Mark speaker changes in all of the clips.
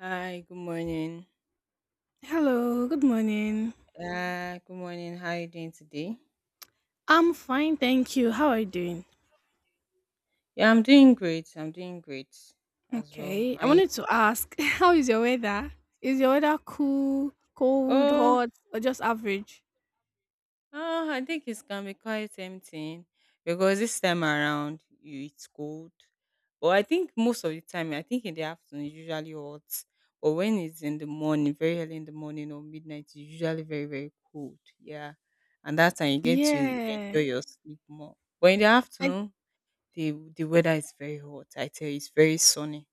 Speaker 1: Hi, good morning.
Speaker 2: Hello, good morning.
Speaker 1: Good morning. How are you doing today?
Speaker 2: I'm fine, thank you. How are you doing?
Speaker 1: Yeah, I'm doing great. I'm doing great as well.
Speaker 2: Okay. I
Speaker 1: And
Speaker 2: wanted to ask, how is your weather? Is your weather cool, cold,
Speaker 1: oh,
Speaker 2: hot, or just average?
Speaker 1: oh, I think it can be quite tempting because this time around you it's cold. But I think most of the time, I think in the afternoon it's usually hot. But when it's in the morning, very early in the morning or midnight, it's usually very, very cold. Yeah. And that time you get to
Speaker 2: Yeah.
Speaker 1: enjoy your sleep more. But in the
Speaker 2: I
Speaker 1: afternoon, the weather is very hot. I tell you, it's very sunny.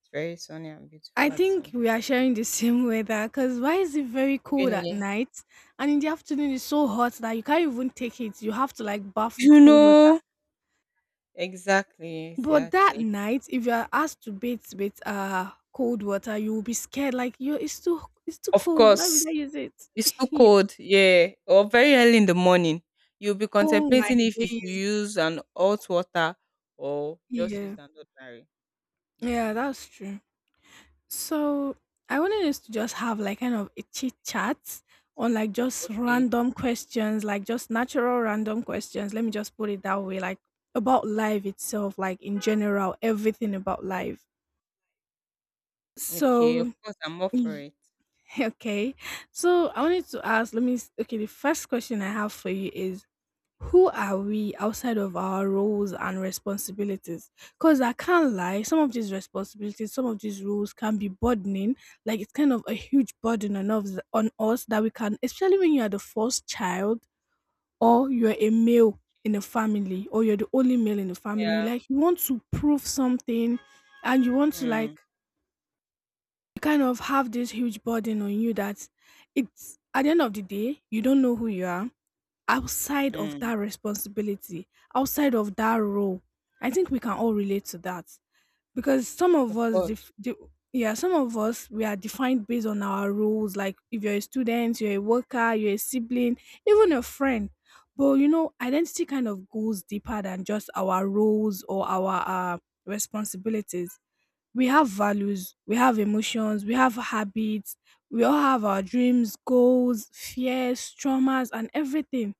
Speaker 1: It's very sunny and beautiful
Speaker 2: I
Speaker 1: at the
Speaker 2: think
Speaker 1: same.
Speaker 2: we are sharing the same weather because why is it very cold at
Speaker 1: Really?
Speaker 2: night and in the afternoon it's so hot that you can't even take it. You have to like bath
Speaker 1: You
Speaker 2: with cold water.
Speaker 1: know exactly,
Speaker 2: But that
Speaker 1: exactly.
Speaker 2: night, if you are asked to bathe with cold water, you will be scared. Like you, it's too
Speaker 1: Of
Speaker 2: cold. Why
Speaker 1: course,
Speaker 2: would I use it?
Speaker 1: it's too cold. Yeah, or very early in the morning, you'll be
Speaker 2: Oh my
Speaker 1: contemplating if you should
Speaker 2: days.
Speaker 1: use an hot water or just use
Speaker 2: Yeah,
Speaker 1: an ordinary.
Speaker 2: yeah,
Speaker 1: Yeah.
Speaker 2: that's true. So I wanted us to just have like kind of a chit chat on like just
Speaker 1: Okay.
Speaker 2: random questions, like just natural random questions. Let me just put it that way, like about life itself, like in general, everything about life.
Speaker 1: Okay. Of
Speaker 2: So
Speaker 1: course, I'm up for
Speaker 2: y-
Speaker 1: it.
Speaker 2: okay, so I wanted to ask. Okay, the first question I have for you is, who are we outside of our roles and responsibilities? Because I can't lie, some of these responsibilities, some of these roles can be burdening. Like it's kind of a huge burden on us that we can, especially when you are the first child or you're a male in a family or you're the only male in the family. You
Speaker 1: Yeah.
Speaker 2: like you want to prove something, and you want to
Speaker 1: Mm,
Speaker 2: like kind of have this huge burden on you that it's at the end of the day you don't know who you are outside of
Speaker 1: mm,
Speaker 2: that responsibility, outside of that role. I think we can all relate to that because some of
Speaker 1: of
Speaker 2: us,
Speaker 1: course.
Speaker 2: yeah, some of us, we are defined based on our roles. Like if you're a student, you're a worker, you're a sibling, even a friend. But you know, identity kind of goes deeper than just our roles or our uh, responsibilities. We have values, we have emotions, we have habits, we all have our dreams, goals, fears, traumas, and everything,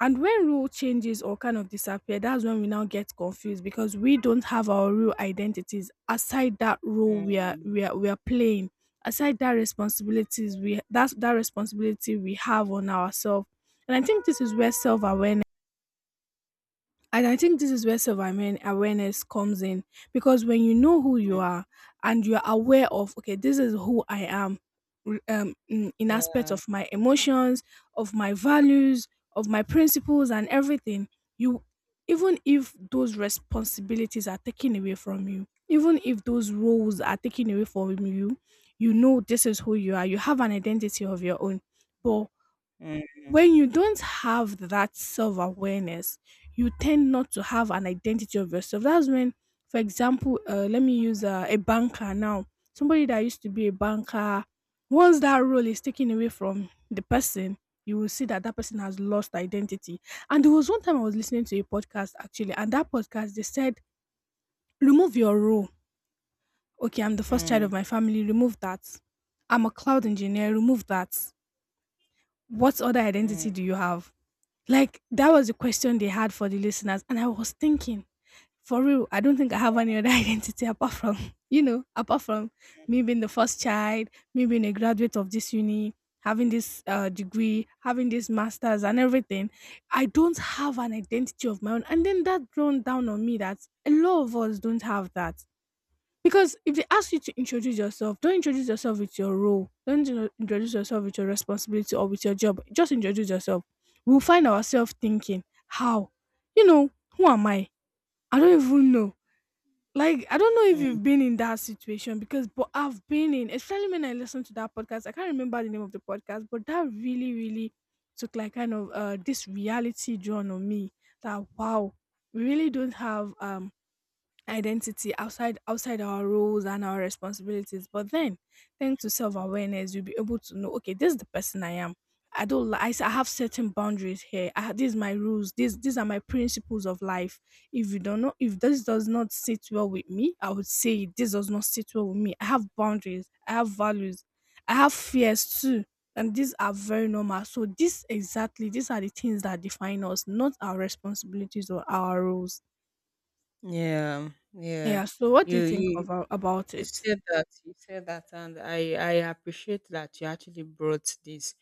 Speaker 2: and when rule changes or kind of disappear, that's when we now get confused because we don't have our real identities aside that role
Speaker 1: Mm,
Speaker 2: we are
Speaker 1: mm,
Speaker 2: we are playing, aside that responsibilities we that's that responsibility we have on ourselves. And I think this is where self awareness and I think this is where self awareness comes in because when you know who you
Speaker 1: mm,
Speaker 2: are and you are aware of, okay, this is who I am in aspect
Speaker 1: yeah.
Speaker 2: of my emotions, of my values, of my principles, and everything, you even if those responsibilities are taken away from you, even if those roles are taken away from you, you know this is who you are. You have an identity of your own. But
Speaker 1: Mm,
Speaker 2: when you don't have that self awareness, you tend not to have an identity of yourself. That's when, for example, let me use a banker now. Somebody that used to be a banker, once that role is taken away from the person, you will see that that person has lost identity. And there was one time I was listening to a podcast actually, and that podcast they said, remove your role. Okay, I'm the first child
Speaker 1: mm,
Speaker 2: of my family, remove that. I'm a cloud engineer, remove that. What other
Speaker 1: mm,
Speaker 2: identity do you have? Like, that was the question they had for the listeners, and I was thinking, for real, I don't think I have any other identity apart from, you know, apart from me being the first child, me being a graduate of this uni, having this degree, having this master's and everything. I don't have an identity of my own. And then that drawn down on me that a lot of us don't have that. Because if they ask you to introduce yourself, don't introduce yourself with your role. Don't introduce yourself with your responsibility or with your job. Just introduce yourself. We'll find ourselves thinking, how? You know, who am I? I don't even know. Like, I don't know if
Speaker 1: mm.
Speaker 2: you've been in that situation because, but I've been in, especially when I listened to that podcast. I can't remember the name of the podcast, but that really, really took like kind of this reality drawn on me that, wow, we really don't have identity outside our roles and our responsibilities, but then thanks to self-awareness you'll be able to know, okay, this is the person I am. I don't li- I, s- I have certain boundaries here. These are my rules, these are my principles of life. If you don't know, if this does not sit well with me, I would say this does not sit well with me. I have boundaries, I have values, I have fears too, and these are very normal. So this exactly, these are the things that define us, not our responsibilities or our roles.
Speaker 1: Yeah, yeah.
Speaker 2: Yeah, so what do
Speaker 1: You
Speaker 2: you think
Speaker 1: you
Speaker 2: of about
Speaker 1: you
Speaker 2: it?
Speaker 1: said that. You said that, and I appreciate that you actually brought this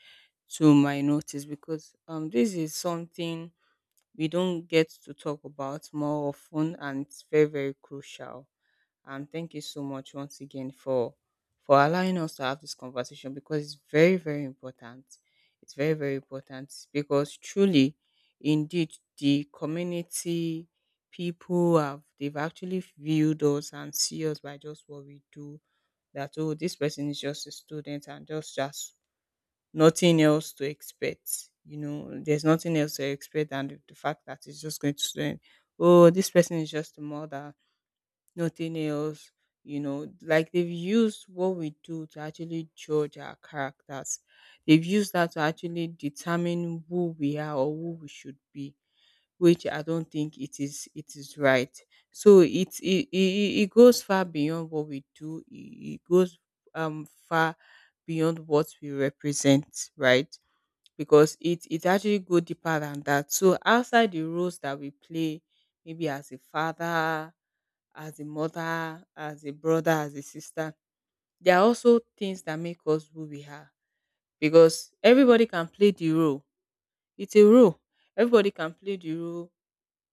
Speaker 1: to my notice because this is something we don't get to talk about more often, and it's very, very crucial. And thank you so much once again for allowing us to have this conversation, because it's very, very important. It's very, very important because truly indeed the community people have they've actually viewed us and see us by just what we do. That, oh, this person is just a student and just nothing else to expect. You know, there's nothing else to expect than the fact that it's just going to end. Oh, this person is just a mother, nothing else. You know, like they've used what we do to actually judge our characters. They've used that to actually determine who we are or who we should be, which I don't think it is. It is right. So it goes far beyond what we do. It goes far beyond what we represent, right? Because it actually go deeper than that. So outside the roles that we play, maybe as a father, as a mother, as a brother, as a sister, there are also things that make us who we are. Because everybody can play the role. It's a role. Everybody can play the role.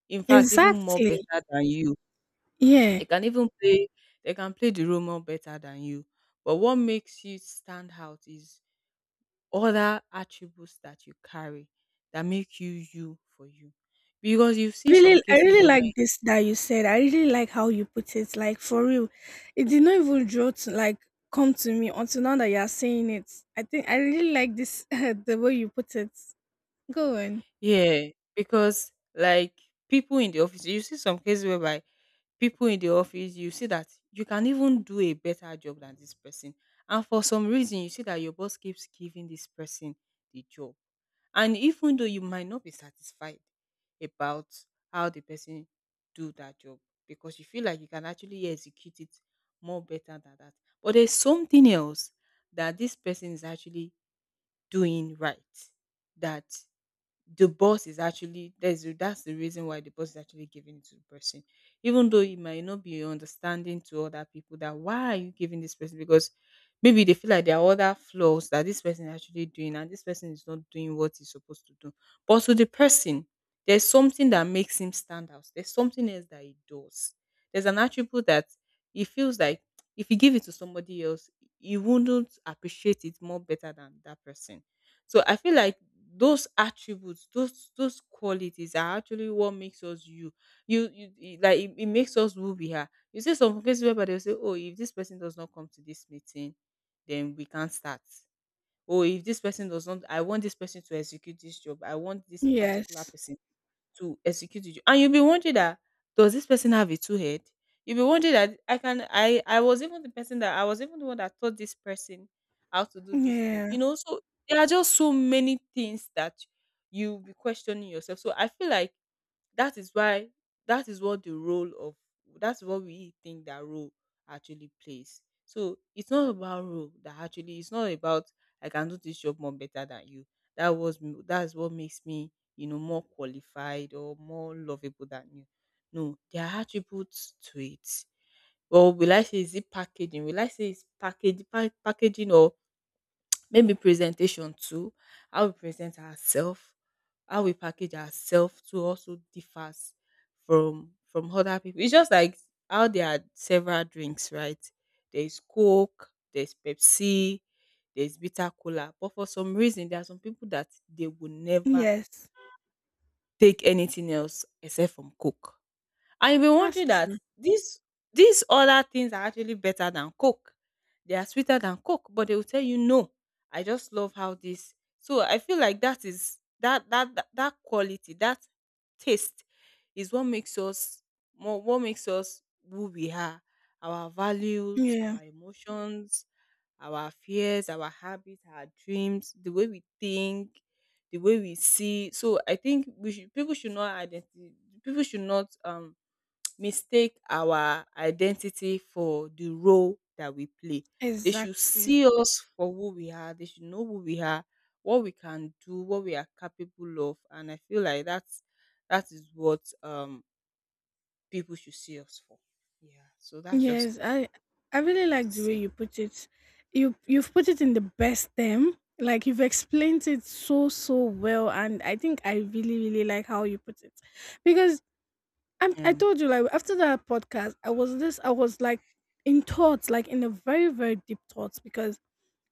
Speaker 1: In fact, even more
Speaker 2: Exactly.
Speaker 1: better than you.
Speaker 2: Yeah.
Speaker 1: They can even play they can play the role more better than you. But what makes you stand out is other attributes that you carry that make you you for you. Because you see some
Speaker 2: Really, I
Speaker 1: cases
Speaker 2: really
Speaker 1: whereby,
Speaker 2: like this that you said. I really like how you put it. Like for real. It did not even draw to like come to me until now that you are saying it. I think I really like this the way you put it. Go on.
Speaker 1: yeah, because like people in the office, you see some cases whereby people in the office, you see that you can even do a better job than this person. And for some reason, you see that your boss keeps giving this person the job. And even though you might not be satisfied about how the person do that job because you feel like you can actually execute it more better than that. But there's something else that this person is actually doing right, that the boss is actually that's the reason why the boss is actually giving it to the person. Even though it might not be understanding to other people that why are you giving this person, because maybe they feel like there are other flaws that this person is actually doing and this person is not doing what he's supposed to do. But to the person, there's something that makes him stand out. There's something else that he does. There's an attribute that he feels like if you give it to somebody else, he wouldn't appreciate it more better than that person. So I feel like those attributes, those qualities are actually what makes us you. Like it makes us who we are. You see some places where they'll say, oh, if this person does not come to this meeting, then we can't start. Oh, if this person does not I want this person to execute this job, I want this particular
Speaker 2: Yes.
Speaker 1: person to execute the And you'll be wondering that does this person have a two head? You'll be wondering that I can I was even the person that I was even the one that taught this person how to do this thing. You
Speaker 2: Yeah.
Speaker 1: know, so there are just so many things that you'll be questioning yourself. So I feel like that is why that is what the role of that's what we think that role actually plays. So it's not about role that actually it's not about I can do this job more better than you. That's what makes me, you know, more qualified or more lovable than you. No, there are attributes to it. Well, will I say is it packaging? Will I say it's packaging or maybe presentation too? How we present ourselves, how we package ourselves to also differs from other people. It's just like how there are several drinks, right? There's Coke, there's Pepsi, there's bitter cola. But for some reason, there are some people that they will never
Speaker 2: Yes.
Speaker 1: take anything else except from Coke. And you'll be
Speaker 2: That's
Speaker 1: wondering that
Speaker 2: true.
Speaker 1: these other things are actually better than Coke. They are sweeter than Coke, but they will tell you no. I just love how this. So I feel like that is that quality, that taste is what makes us more what makes us who we are. Our values,
Speaker 2: Yeah.
Speaker 1: our emotions, our fears, our habits, our dreams, the way we think, the way we see. So I think we should people should not identify people should not mistake our identity for the role that we play. They should
Speaker 2: Exactly.
Speaker 1: see us for who we are. They should know who we are, what we can do, what we are capable of. And I feel like that's that is what people should see us for. Yeah. So that's just
Speaker 2: Yes, I really
Speaker 1: to
Speaker 2: like the way
Speaker 1: say.
Speaker 2: you put it. You've put it in the best term. Like you've explained it so so well, and I think I really really like how you put it, because I
Speaker 1: Yeah.
Speaker 2: told you, like after that podcast I was like in thoughts, like in a very very deep thoughts, because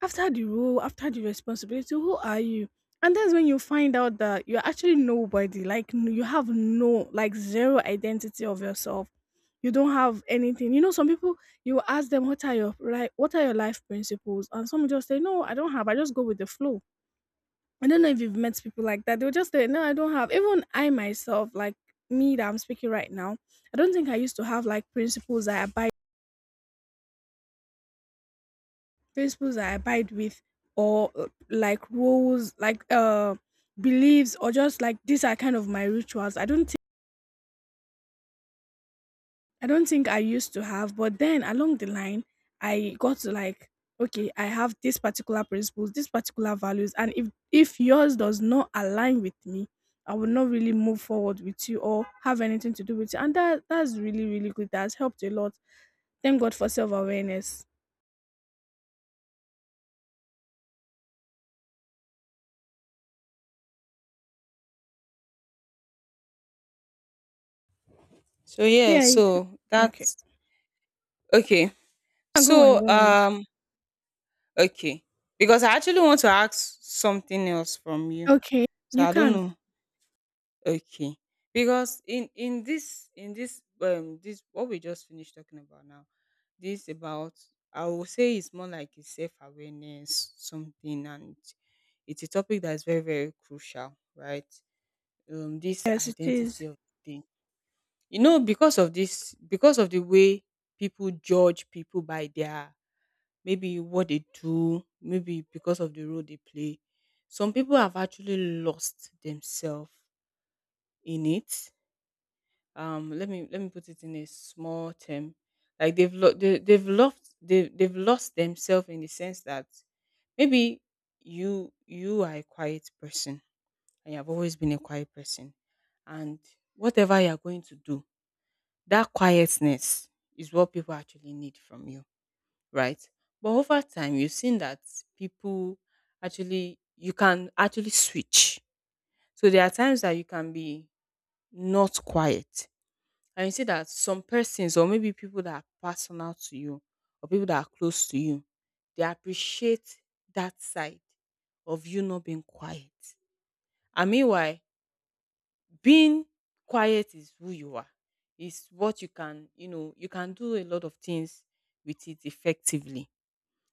Speaker 2: after the role, after the responsibility, who are you? And that's when you find out that you're actually nobody. Like you have no, like zero identity of yourself. You don't have anything. You know, some people you ask them, what are your like what are your life principles, and some just say no, I don't have. I just go with the flow. I don't know if you've met people like that. They'll just say no, I don't have. Even I myself, like me that I'm speaking right now, I don't think I used to have like principles I abide. Principles I abide with or like rules, like beliefs, or just like these are kind of my rituals. I don't think I used to have, but then along the line I got to like, okay, I have these particular principles, these particular values, and if yours does not align with me, I will not really move forward with you or have anything to do with you. And that's really, really good. That's helped a lot. Thank God for self awareness.
Speaker 1: So yeah,
Speaker 2: Yeah.
Speaker 1: so
Speaker 2: Okay.
Speaker 1: that's okay.
Speaker 2: Go on,
Speaker 1: So
Speaker 2: go on.
Speaker 1: okay. Because I actually want to ask something else from you.
Speaker 2: Okay.
Speaker 1: So
Speaker 2: You
Speaker 1: I don't
Speaker 2: can.
Speaker 1: know. Okay. Because in this this what we just finished talking about now, this about I will say it's more like a self awareness something, and it's a topic that is very, very crucial, right? Um, this
Speaker 2: Yes, it
Speaker 1: identity
Speaker 2: is.
Speaker 1: of thing. You know, because of this because of the way people judge people by their maybe what they do, maybe because of the role they play, some people have actually lost themselves in it. Let me let me put it in a small term, like they've lo- they, they've lost themselves in the sense that maybe you are a quiet person, and you have always been a quiet person, and whatever you're going to do, that quietness is what people actually need from you, right? But over time you've seen that people actually you can actually switch. So there are times that you can be not quiet, and you see that some persons or maybe people that are personal to you or people that are close to you, they appreciate that side of you not being quiet. And meanwhile, being quiet is who you are. It's what you can, you know, you can do a lot of things with it effectively.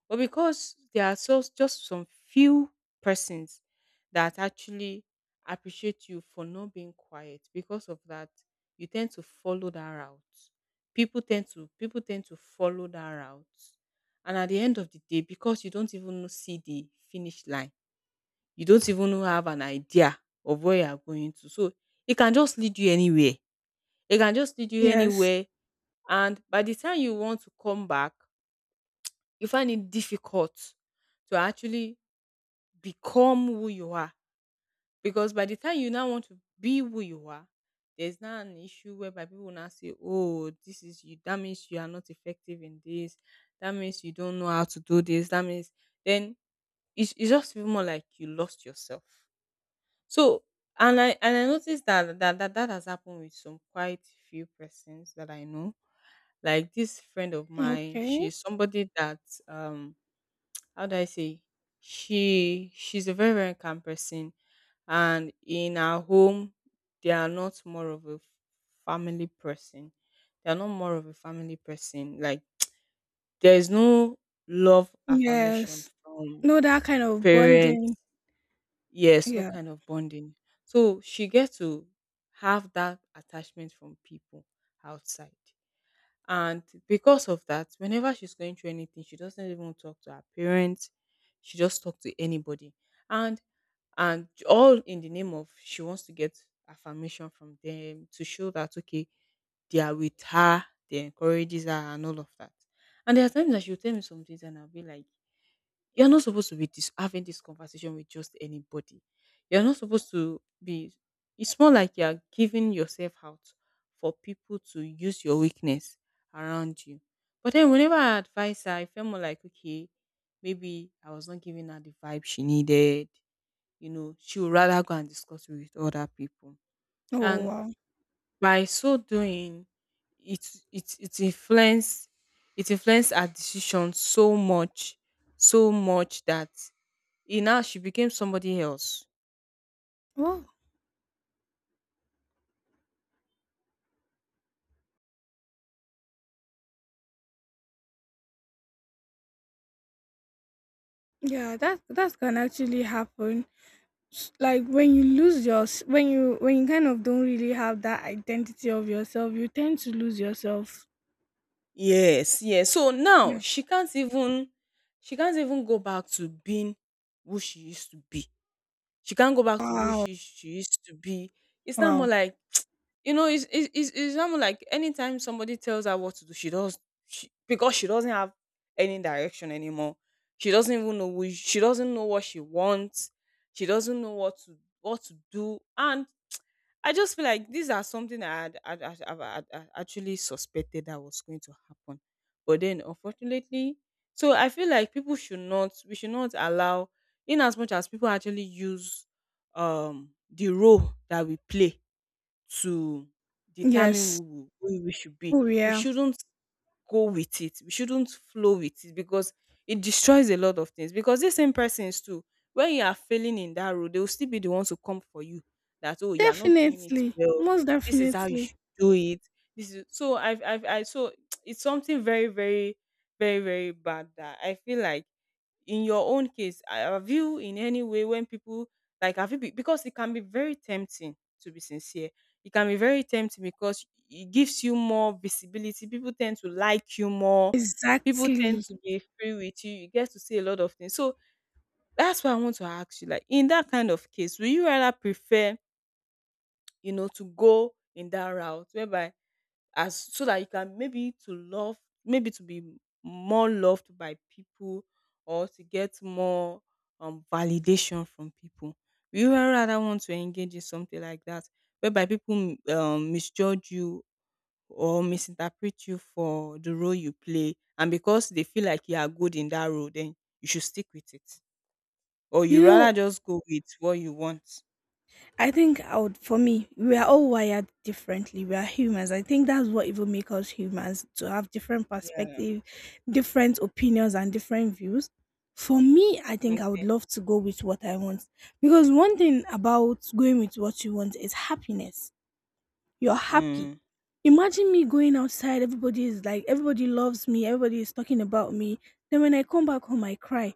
Speaker 1: But because there are so just some few persons that actually appreciate you for not being quiet, because of that, you tend to follow that route. People tend to follow that route. And at the end of the day, because you don't even know- see the finish line, you don't even know- have an idea of where you are going to. So it can just lead you anywhere. It can just lead you
Speaker 2: Yes.
Speaker 1: anywhere. And by the time you want to come back, you find it difficult to actually become who you are. Because by the time you now want to be who you are, there's now an issue whereby people now say, oh, this is you. That means you are not effective in this. That means you don't know how to do this. That means then it's just feel more like you lost yourself. So and I noticed that that has happened with some quite few persons that I know. Like this friend of mine,
Speaker 2: Okay.
Speaker 1: she's somebody that um how do I say she's a very, very calm person, and in our home they are not more of a family person. They are not more of a family person. Like there is no love affirmation
Speaker 2: Yes.
Speaker 1: from
Speaker 2: No, that kind of
Speaker 1: parents.
Speaker 2: bonding.
Speaker 1: Yes, no
Speaker 2: Yeah.
Speaker 1: kind of bonding. So she gets to have that attachment from people outside. And because of that, whenever she's going through anything, she doesn't even talk to her parents. She just talks to anybody. And and all in the name of she wants to get affirmation from them to show that okay, they are with her, they encourages her and all of that. And there are times that she'll tell me some things and I'll be like you're not supposed to be having this conversation with just anybody. You're not supposed to be. It's more like you're giving yourself out for people to use your weakness around you. But then, whenever I advise her, I felt more like, okay, maybe I was not giving her the vibe she needed. You know, she would rather go and discuss it with other people.
Speaker 2: Oh
Speaker 1: And
Speaker 2: wow.
Speaker 1: by so doing, it it it influence it influenced her decision so much that you now she became somebody else.
Speaker 2: Oh. Yeah, that that can actually happen. Like when you lose your when you kind of don't really have that identity of yourself, you tend to lose yourself.
Speaker 1: Yes, yes. So now
Speaker 2: Yeah.
Speaker 1: she can't even go back to being who she used to be. She can't go back to who
Speaker 2: Wow.
Speaker 1: she used to be. It's not more
Speaker 2: Wow.
Speaker 1: like. It's not more like anytime somebody tells her what to do, she does, because she doesn't have any direction anymore. She doesn't know what she wants. She doesn't know what to do, and I just feel like these are something I had, I'd, I've- I'd- I actually suspected that was going to happen. But then, unfortunately, so I feel like people should not, we should not allow, in as much as people actually use the role that we play to determine
Speaker 2: Yes.
Speaker 1: who we should be,
Speaker 2: Oh
Speaker 1: we
Speaker 2: yeah.
Speaker 1: shouldn't go with it. We shouldn't flow with it because it destroys a lot of things. Because these same persons too, when you are failing in that road, they will still be the ones who come for you. That oh, you are not doing it
Speaker 2: Definitely.
Speaker 1: well.
Speaker 2: Most
Speaker 1: This is how you should
Speaker 2: definitely.
Speaker 1: do it. This is so I've I so it's something very very very very bad that I feel like in your own case I- have you in any way when people like have you be, because it can be very tempting to be sincere, it can be very tempting because it gives you more visibility. People tend to like you more. People tend
Speaker 2: Exactly.
Speaker 1: to be free with you. You get to see a lot of things. So that's why I want to ask you, like in that kind of case, will you rather prefer, you know, to go in that route whereby as so that you can maybe to love, maybe to be more loved by people or to get more validation from people? Will you rather want to engage in something like that whereby people misjudge you or misinterpret you for the role you play and because they feel like you are good in that role then you should stick with it, or
Speaker 2: You
Speaker 1: you
Speaker 2: know,
Speaker 1: rather just go with what you want?
Speaker 2: I think I would, for me, we are all wired differently. We are humans. I think that's what even makes us humans, to have different
Speaker 1: Yeah,
Speaker 2: perspective, different opinions, and different views. For me, I think I
Speaker 1: okay.
Speaker 2: would love to go with what I want, because one thing about going with what you want is happiness. You're happy.
Speaker 1: Mm.
Speaker 2: Imagine me going outside, everybody is like, everybody loves me, everybody is talking about me. Then when I come back home, I cry.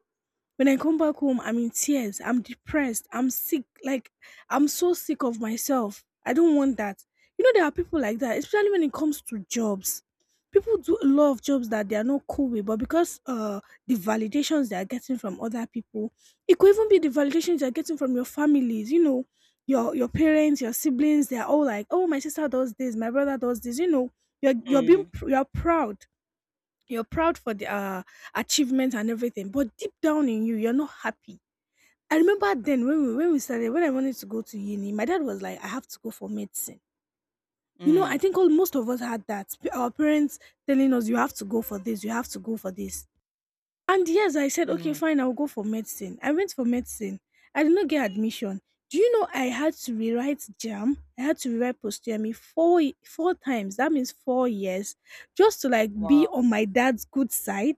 Speaker 2: When I come back home, I'm in tears. I'm depressed. I'm sick. Like, I'm so sick of myself. I don't want that. You know, there are people like that, especially when it comes to jobs. People do a lot of jobs that they are not cool with, but because the validations they are getting from other people, it could even be the validations you're getting from your families, you know, your parents, your siblings, they're all like, oh, my sister does this, my brother does this, you know, you're being
Speaker 1: Mm.
Speaker 2: you're proud, you're proud for the achievement and everything, but deep down in you, you're not happy. I remember then when we started, when I wanted to go to uni, my dad was like, I have to go for medicine. You know, I
Speaker 1: Mm.
Speaker 2: think all most of us had that. Our parents telling us, you have to go for this, you have to go for this. And yes, I said, okay,
Speaker 1: Mm.
Speaker 2: fine, I'll go for medicine. I went for medicine. I did not get admission. Do you know I had to rewrite JAM? I had to rewrite post four times. That means 4 years, just to like be
Speaker 1: Wow.
Speaker 2: on my dad's good side.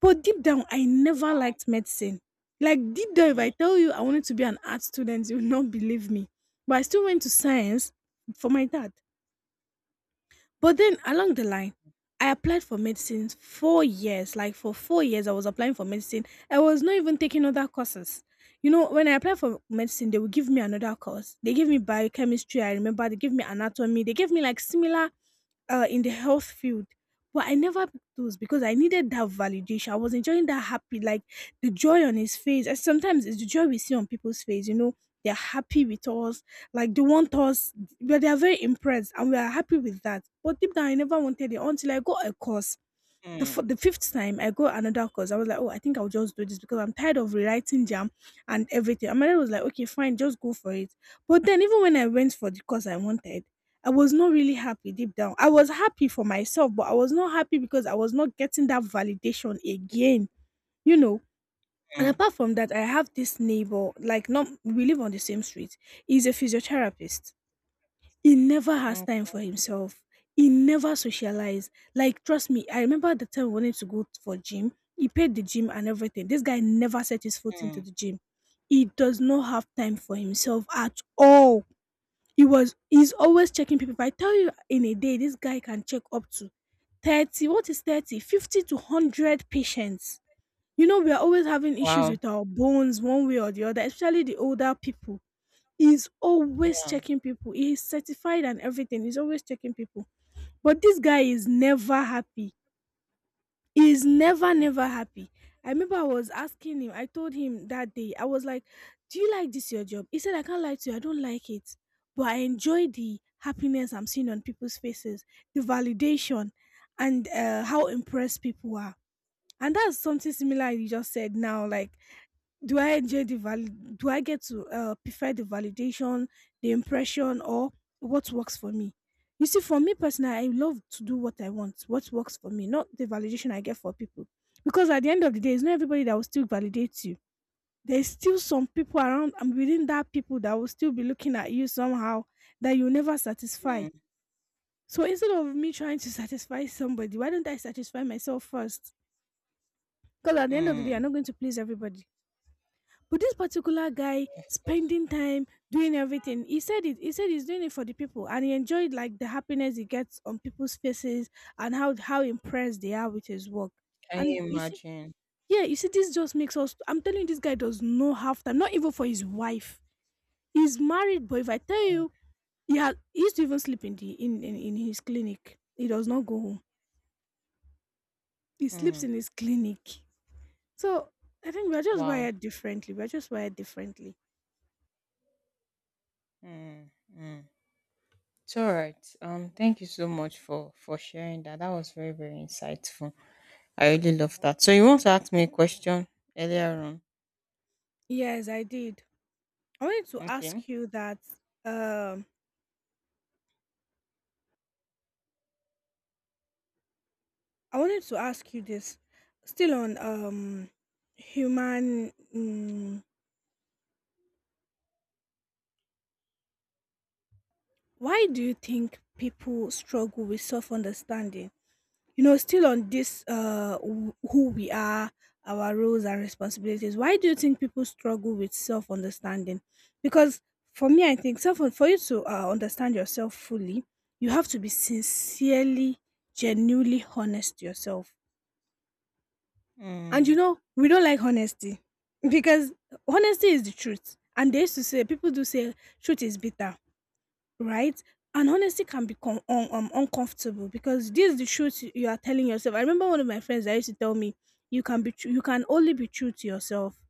Speaker 2: But deep down, I never liked medicine. Like deep down, if
Speaker 1: Mm.
Speaker 2: I tell you I wanted to be an art student, you will not believe me. But I still went to science for my dad. But then along the line, I applied for medicine 4 years. Like for 4 years, I was applying for medicine. I was not even taking other courses. You know, when I applied for medicine, they would give me another course. They gave me biochemistry, I remember. They gave me anatomy. They gave me like similar in the health field. But I never picked those because I needed that validation. I was enjoying that happy, like the joy on his face. And sometimes it's the joy we see on people's face, you know, they're happy with us, like they want us, but they are very impressed and we are happy with that. But deep down, I never wanted it until I got a course the,
Speaker 1: Mm.
Speaker 2: f- the fifth time I got another course. I was like, oh, I think I'll just do this because I'm tired of rewriting jam and everything. And my dad was like, okay, fine, just go for it. But then even when I went for the course I wanted, I was not really happy deep down. I was happy for myself, but I was not happy because I was not getting that validation again, you know. And
Speaker 1: Mm.
Speaker 2: apart from that, I have this neighbor, like, not we live on the same street. He's a physiotherapist, he never has
Speaker 1: Okay.
Speaker 2: time for himself. He never socialize. Like trust me, I remember the time we wanted to go for gym. He paid the gym and everything. This guy never set his foot into
Speaker 1: Mm.
Speaker 2: the gym. He does not have time for himself at all. He's always checking people. If I tell you in a day, this guy can check up to 30, what is 30, 50 to 100 patients. You know, we are always having issues
Speaker 1: Wow.
Speaker 2: with our bones one way or the other, especially the older people. He's always
Speaker 1: Yeah.
Speaker 2: checking people. He's certified and everything. He's always checking people. But this guy is never happy. He's never,
Speaker 1: Mm.
Speaker 2: never happy. I remember I was asking him, I told him that day, I was like, do you like this your job? He said, I can't lie to you, I don't like it. But I enjoy the happiness I'm seeing on people's faces, the validation, and how impressed people are. And that's something similar you just said now. Like, do I enjoy the val? Do I get to prefer the validation, the impression, or what works for me? You see, for me personally, I love to do what I want, what works for me, not the validation I get for people. Because at the end of the day, it's not everybody that will still validate you. There's still some people around and within that people that will still be looking at you somehow that you never satisfy.
Speaker 1: Mm.
Speaker 2: So instead of me trying to satisfy somebody, why don't I satisfy myself first? Because at the end of the day,
Speaker 1: Mm.
Speaker 2: I'm not going to please everybody. But this particular guy spending time doing everything, he said it. He said he's doing it for the people, and he enjoyed like the happiness he gets on people's faces and how impressed they are with his work.
Speaker 1: Can
Speaker 2: And
Speaker 1: you
Speaker 2: you see,
Speaker 1: imagine.
Speaker 2: yeah, you see, this just makes us. I'm telling you, this guy does not have time, not even for his wife. He's married, but if I tell you, he used to even sleep in his clinic. He does not go home. He sleeps
Speaker 1: Mm.
Speaker 2: in his clinic. So I think we're just
Speaker 1: Wow.
Speaker 2: wired differently. We're just wired differently.
Speaker 1: Mm. Mm. It's all right. Thank you so much for sharing that, that was very very insightful. I really love that. So you want to ask me a question earlier on?
Speaker 2: Yes, I did. I wanted to
Speaker 1: Okay.
Speaker 2: ask you that um I wanted to ask you this still on human, why do you think people struggle with self understanding? You know, still on this who we are, our roles and responsibilities. Why do you think people struggle with self understanding? Because for me I think self for you to understand yourself fully, you have to be sincerely, genuinely honest to yourself. And you
Speaker 1: Mm.
Speaker 2: know, we don't like honesty because honesty is the truth. And they used to say, people do say, truth is bitter, right? And honesty can become uncomfortable because this is the truth you are telling yourself. I remember one of my friends that used to tell me, you can only be true to yourself.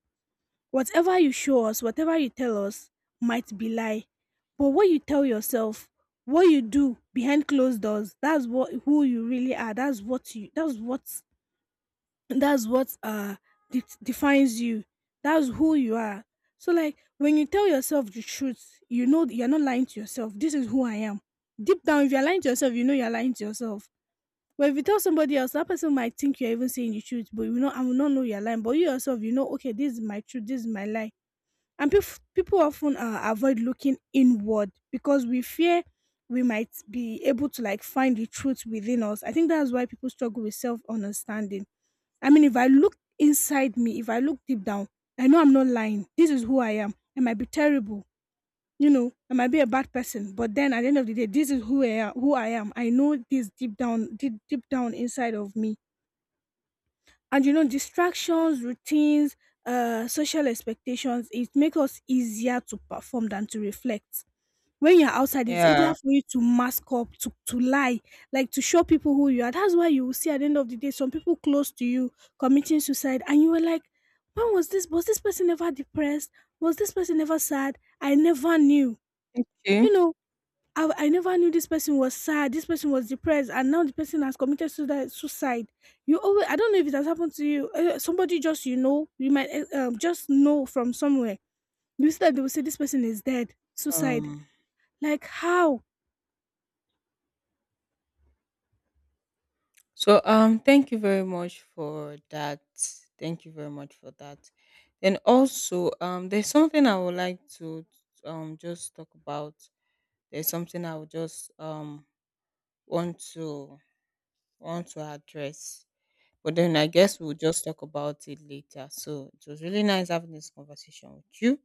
Speaker 2: Whatever you show us, whatever you tell us, might be lie, but what you tell yourself, what you do behind closed doors, that's what who you really are. That's what you. That's what defines you. That's who you are. So like when you tell yourself the truth, you know that you're not lying to yourself. This is who I am. Deep down, if you're lying to yourself, you know you're lying to yourself. But if you tell somebody else, that person might think you're even saying the truth, but you know, I will not know you're lying, but you yourself, you know, okay, this is my truth, this is my lie. And people often avoid looking inward because we fear we might be able to like find the truth within us. I think that's why people struggle with self understanding. I mean, if I look inside me, if I look deep down, I know I'm not lying. This is who I am. I might be terrible, you know, I might be a bad person, but then at the end of the day, this is who I am. Who I am. I know this deep down, deep, deep down inside of me. And you know, distractions, routines, social expectations, it make us easier to perform than to reflect. When you're outside, it's
Speaker 1: Yeah.
Speaker 2: easier for you to mask up, to lie, like to show people who you are. That's why you will see at the end of the day some people close to you committing suicide, and you were like, when was this? Was this person ever depressed? Was this person ever sad? I never knew.
Speaker 1: Okay.
Speaker 2: You know, I never knew this person was sad. This person was depressed, and now the person has committed suicide. Suicide. You always. I don't know if it has happened to you. Somebody just you might just know from somewhere. You see that they will say this person is dead. Suicide.
Speaker 1: Um.
Speaker 2: Like how?
Speaker 1: So thank you very much for that. Thank you very much for that. And also there's something I would like to just talk about. There's something I would just want to want to address. But then I guess we'll just talk about it later. So it was really nice having this conversation with you.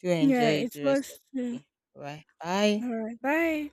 Speaker 1: Do
Speaker 2: Yeah,
Speaker 1: enjoy
Speaker 2: it
Speaker 1: the rest of
Speaker 2: was,
Speaker 1: the
Speaker 2: too.
Speaker 1: day. All right. Bye.
Speaker 2: Alright, bye.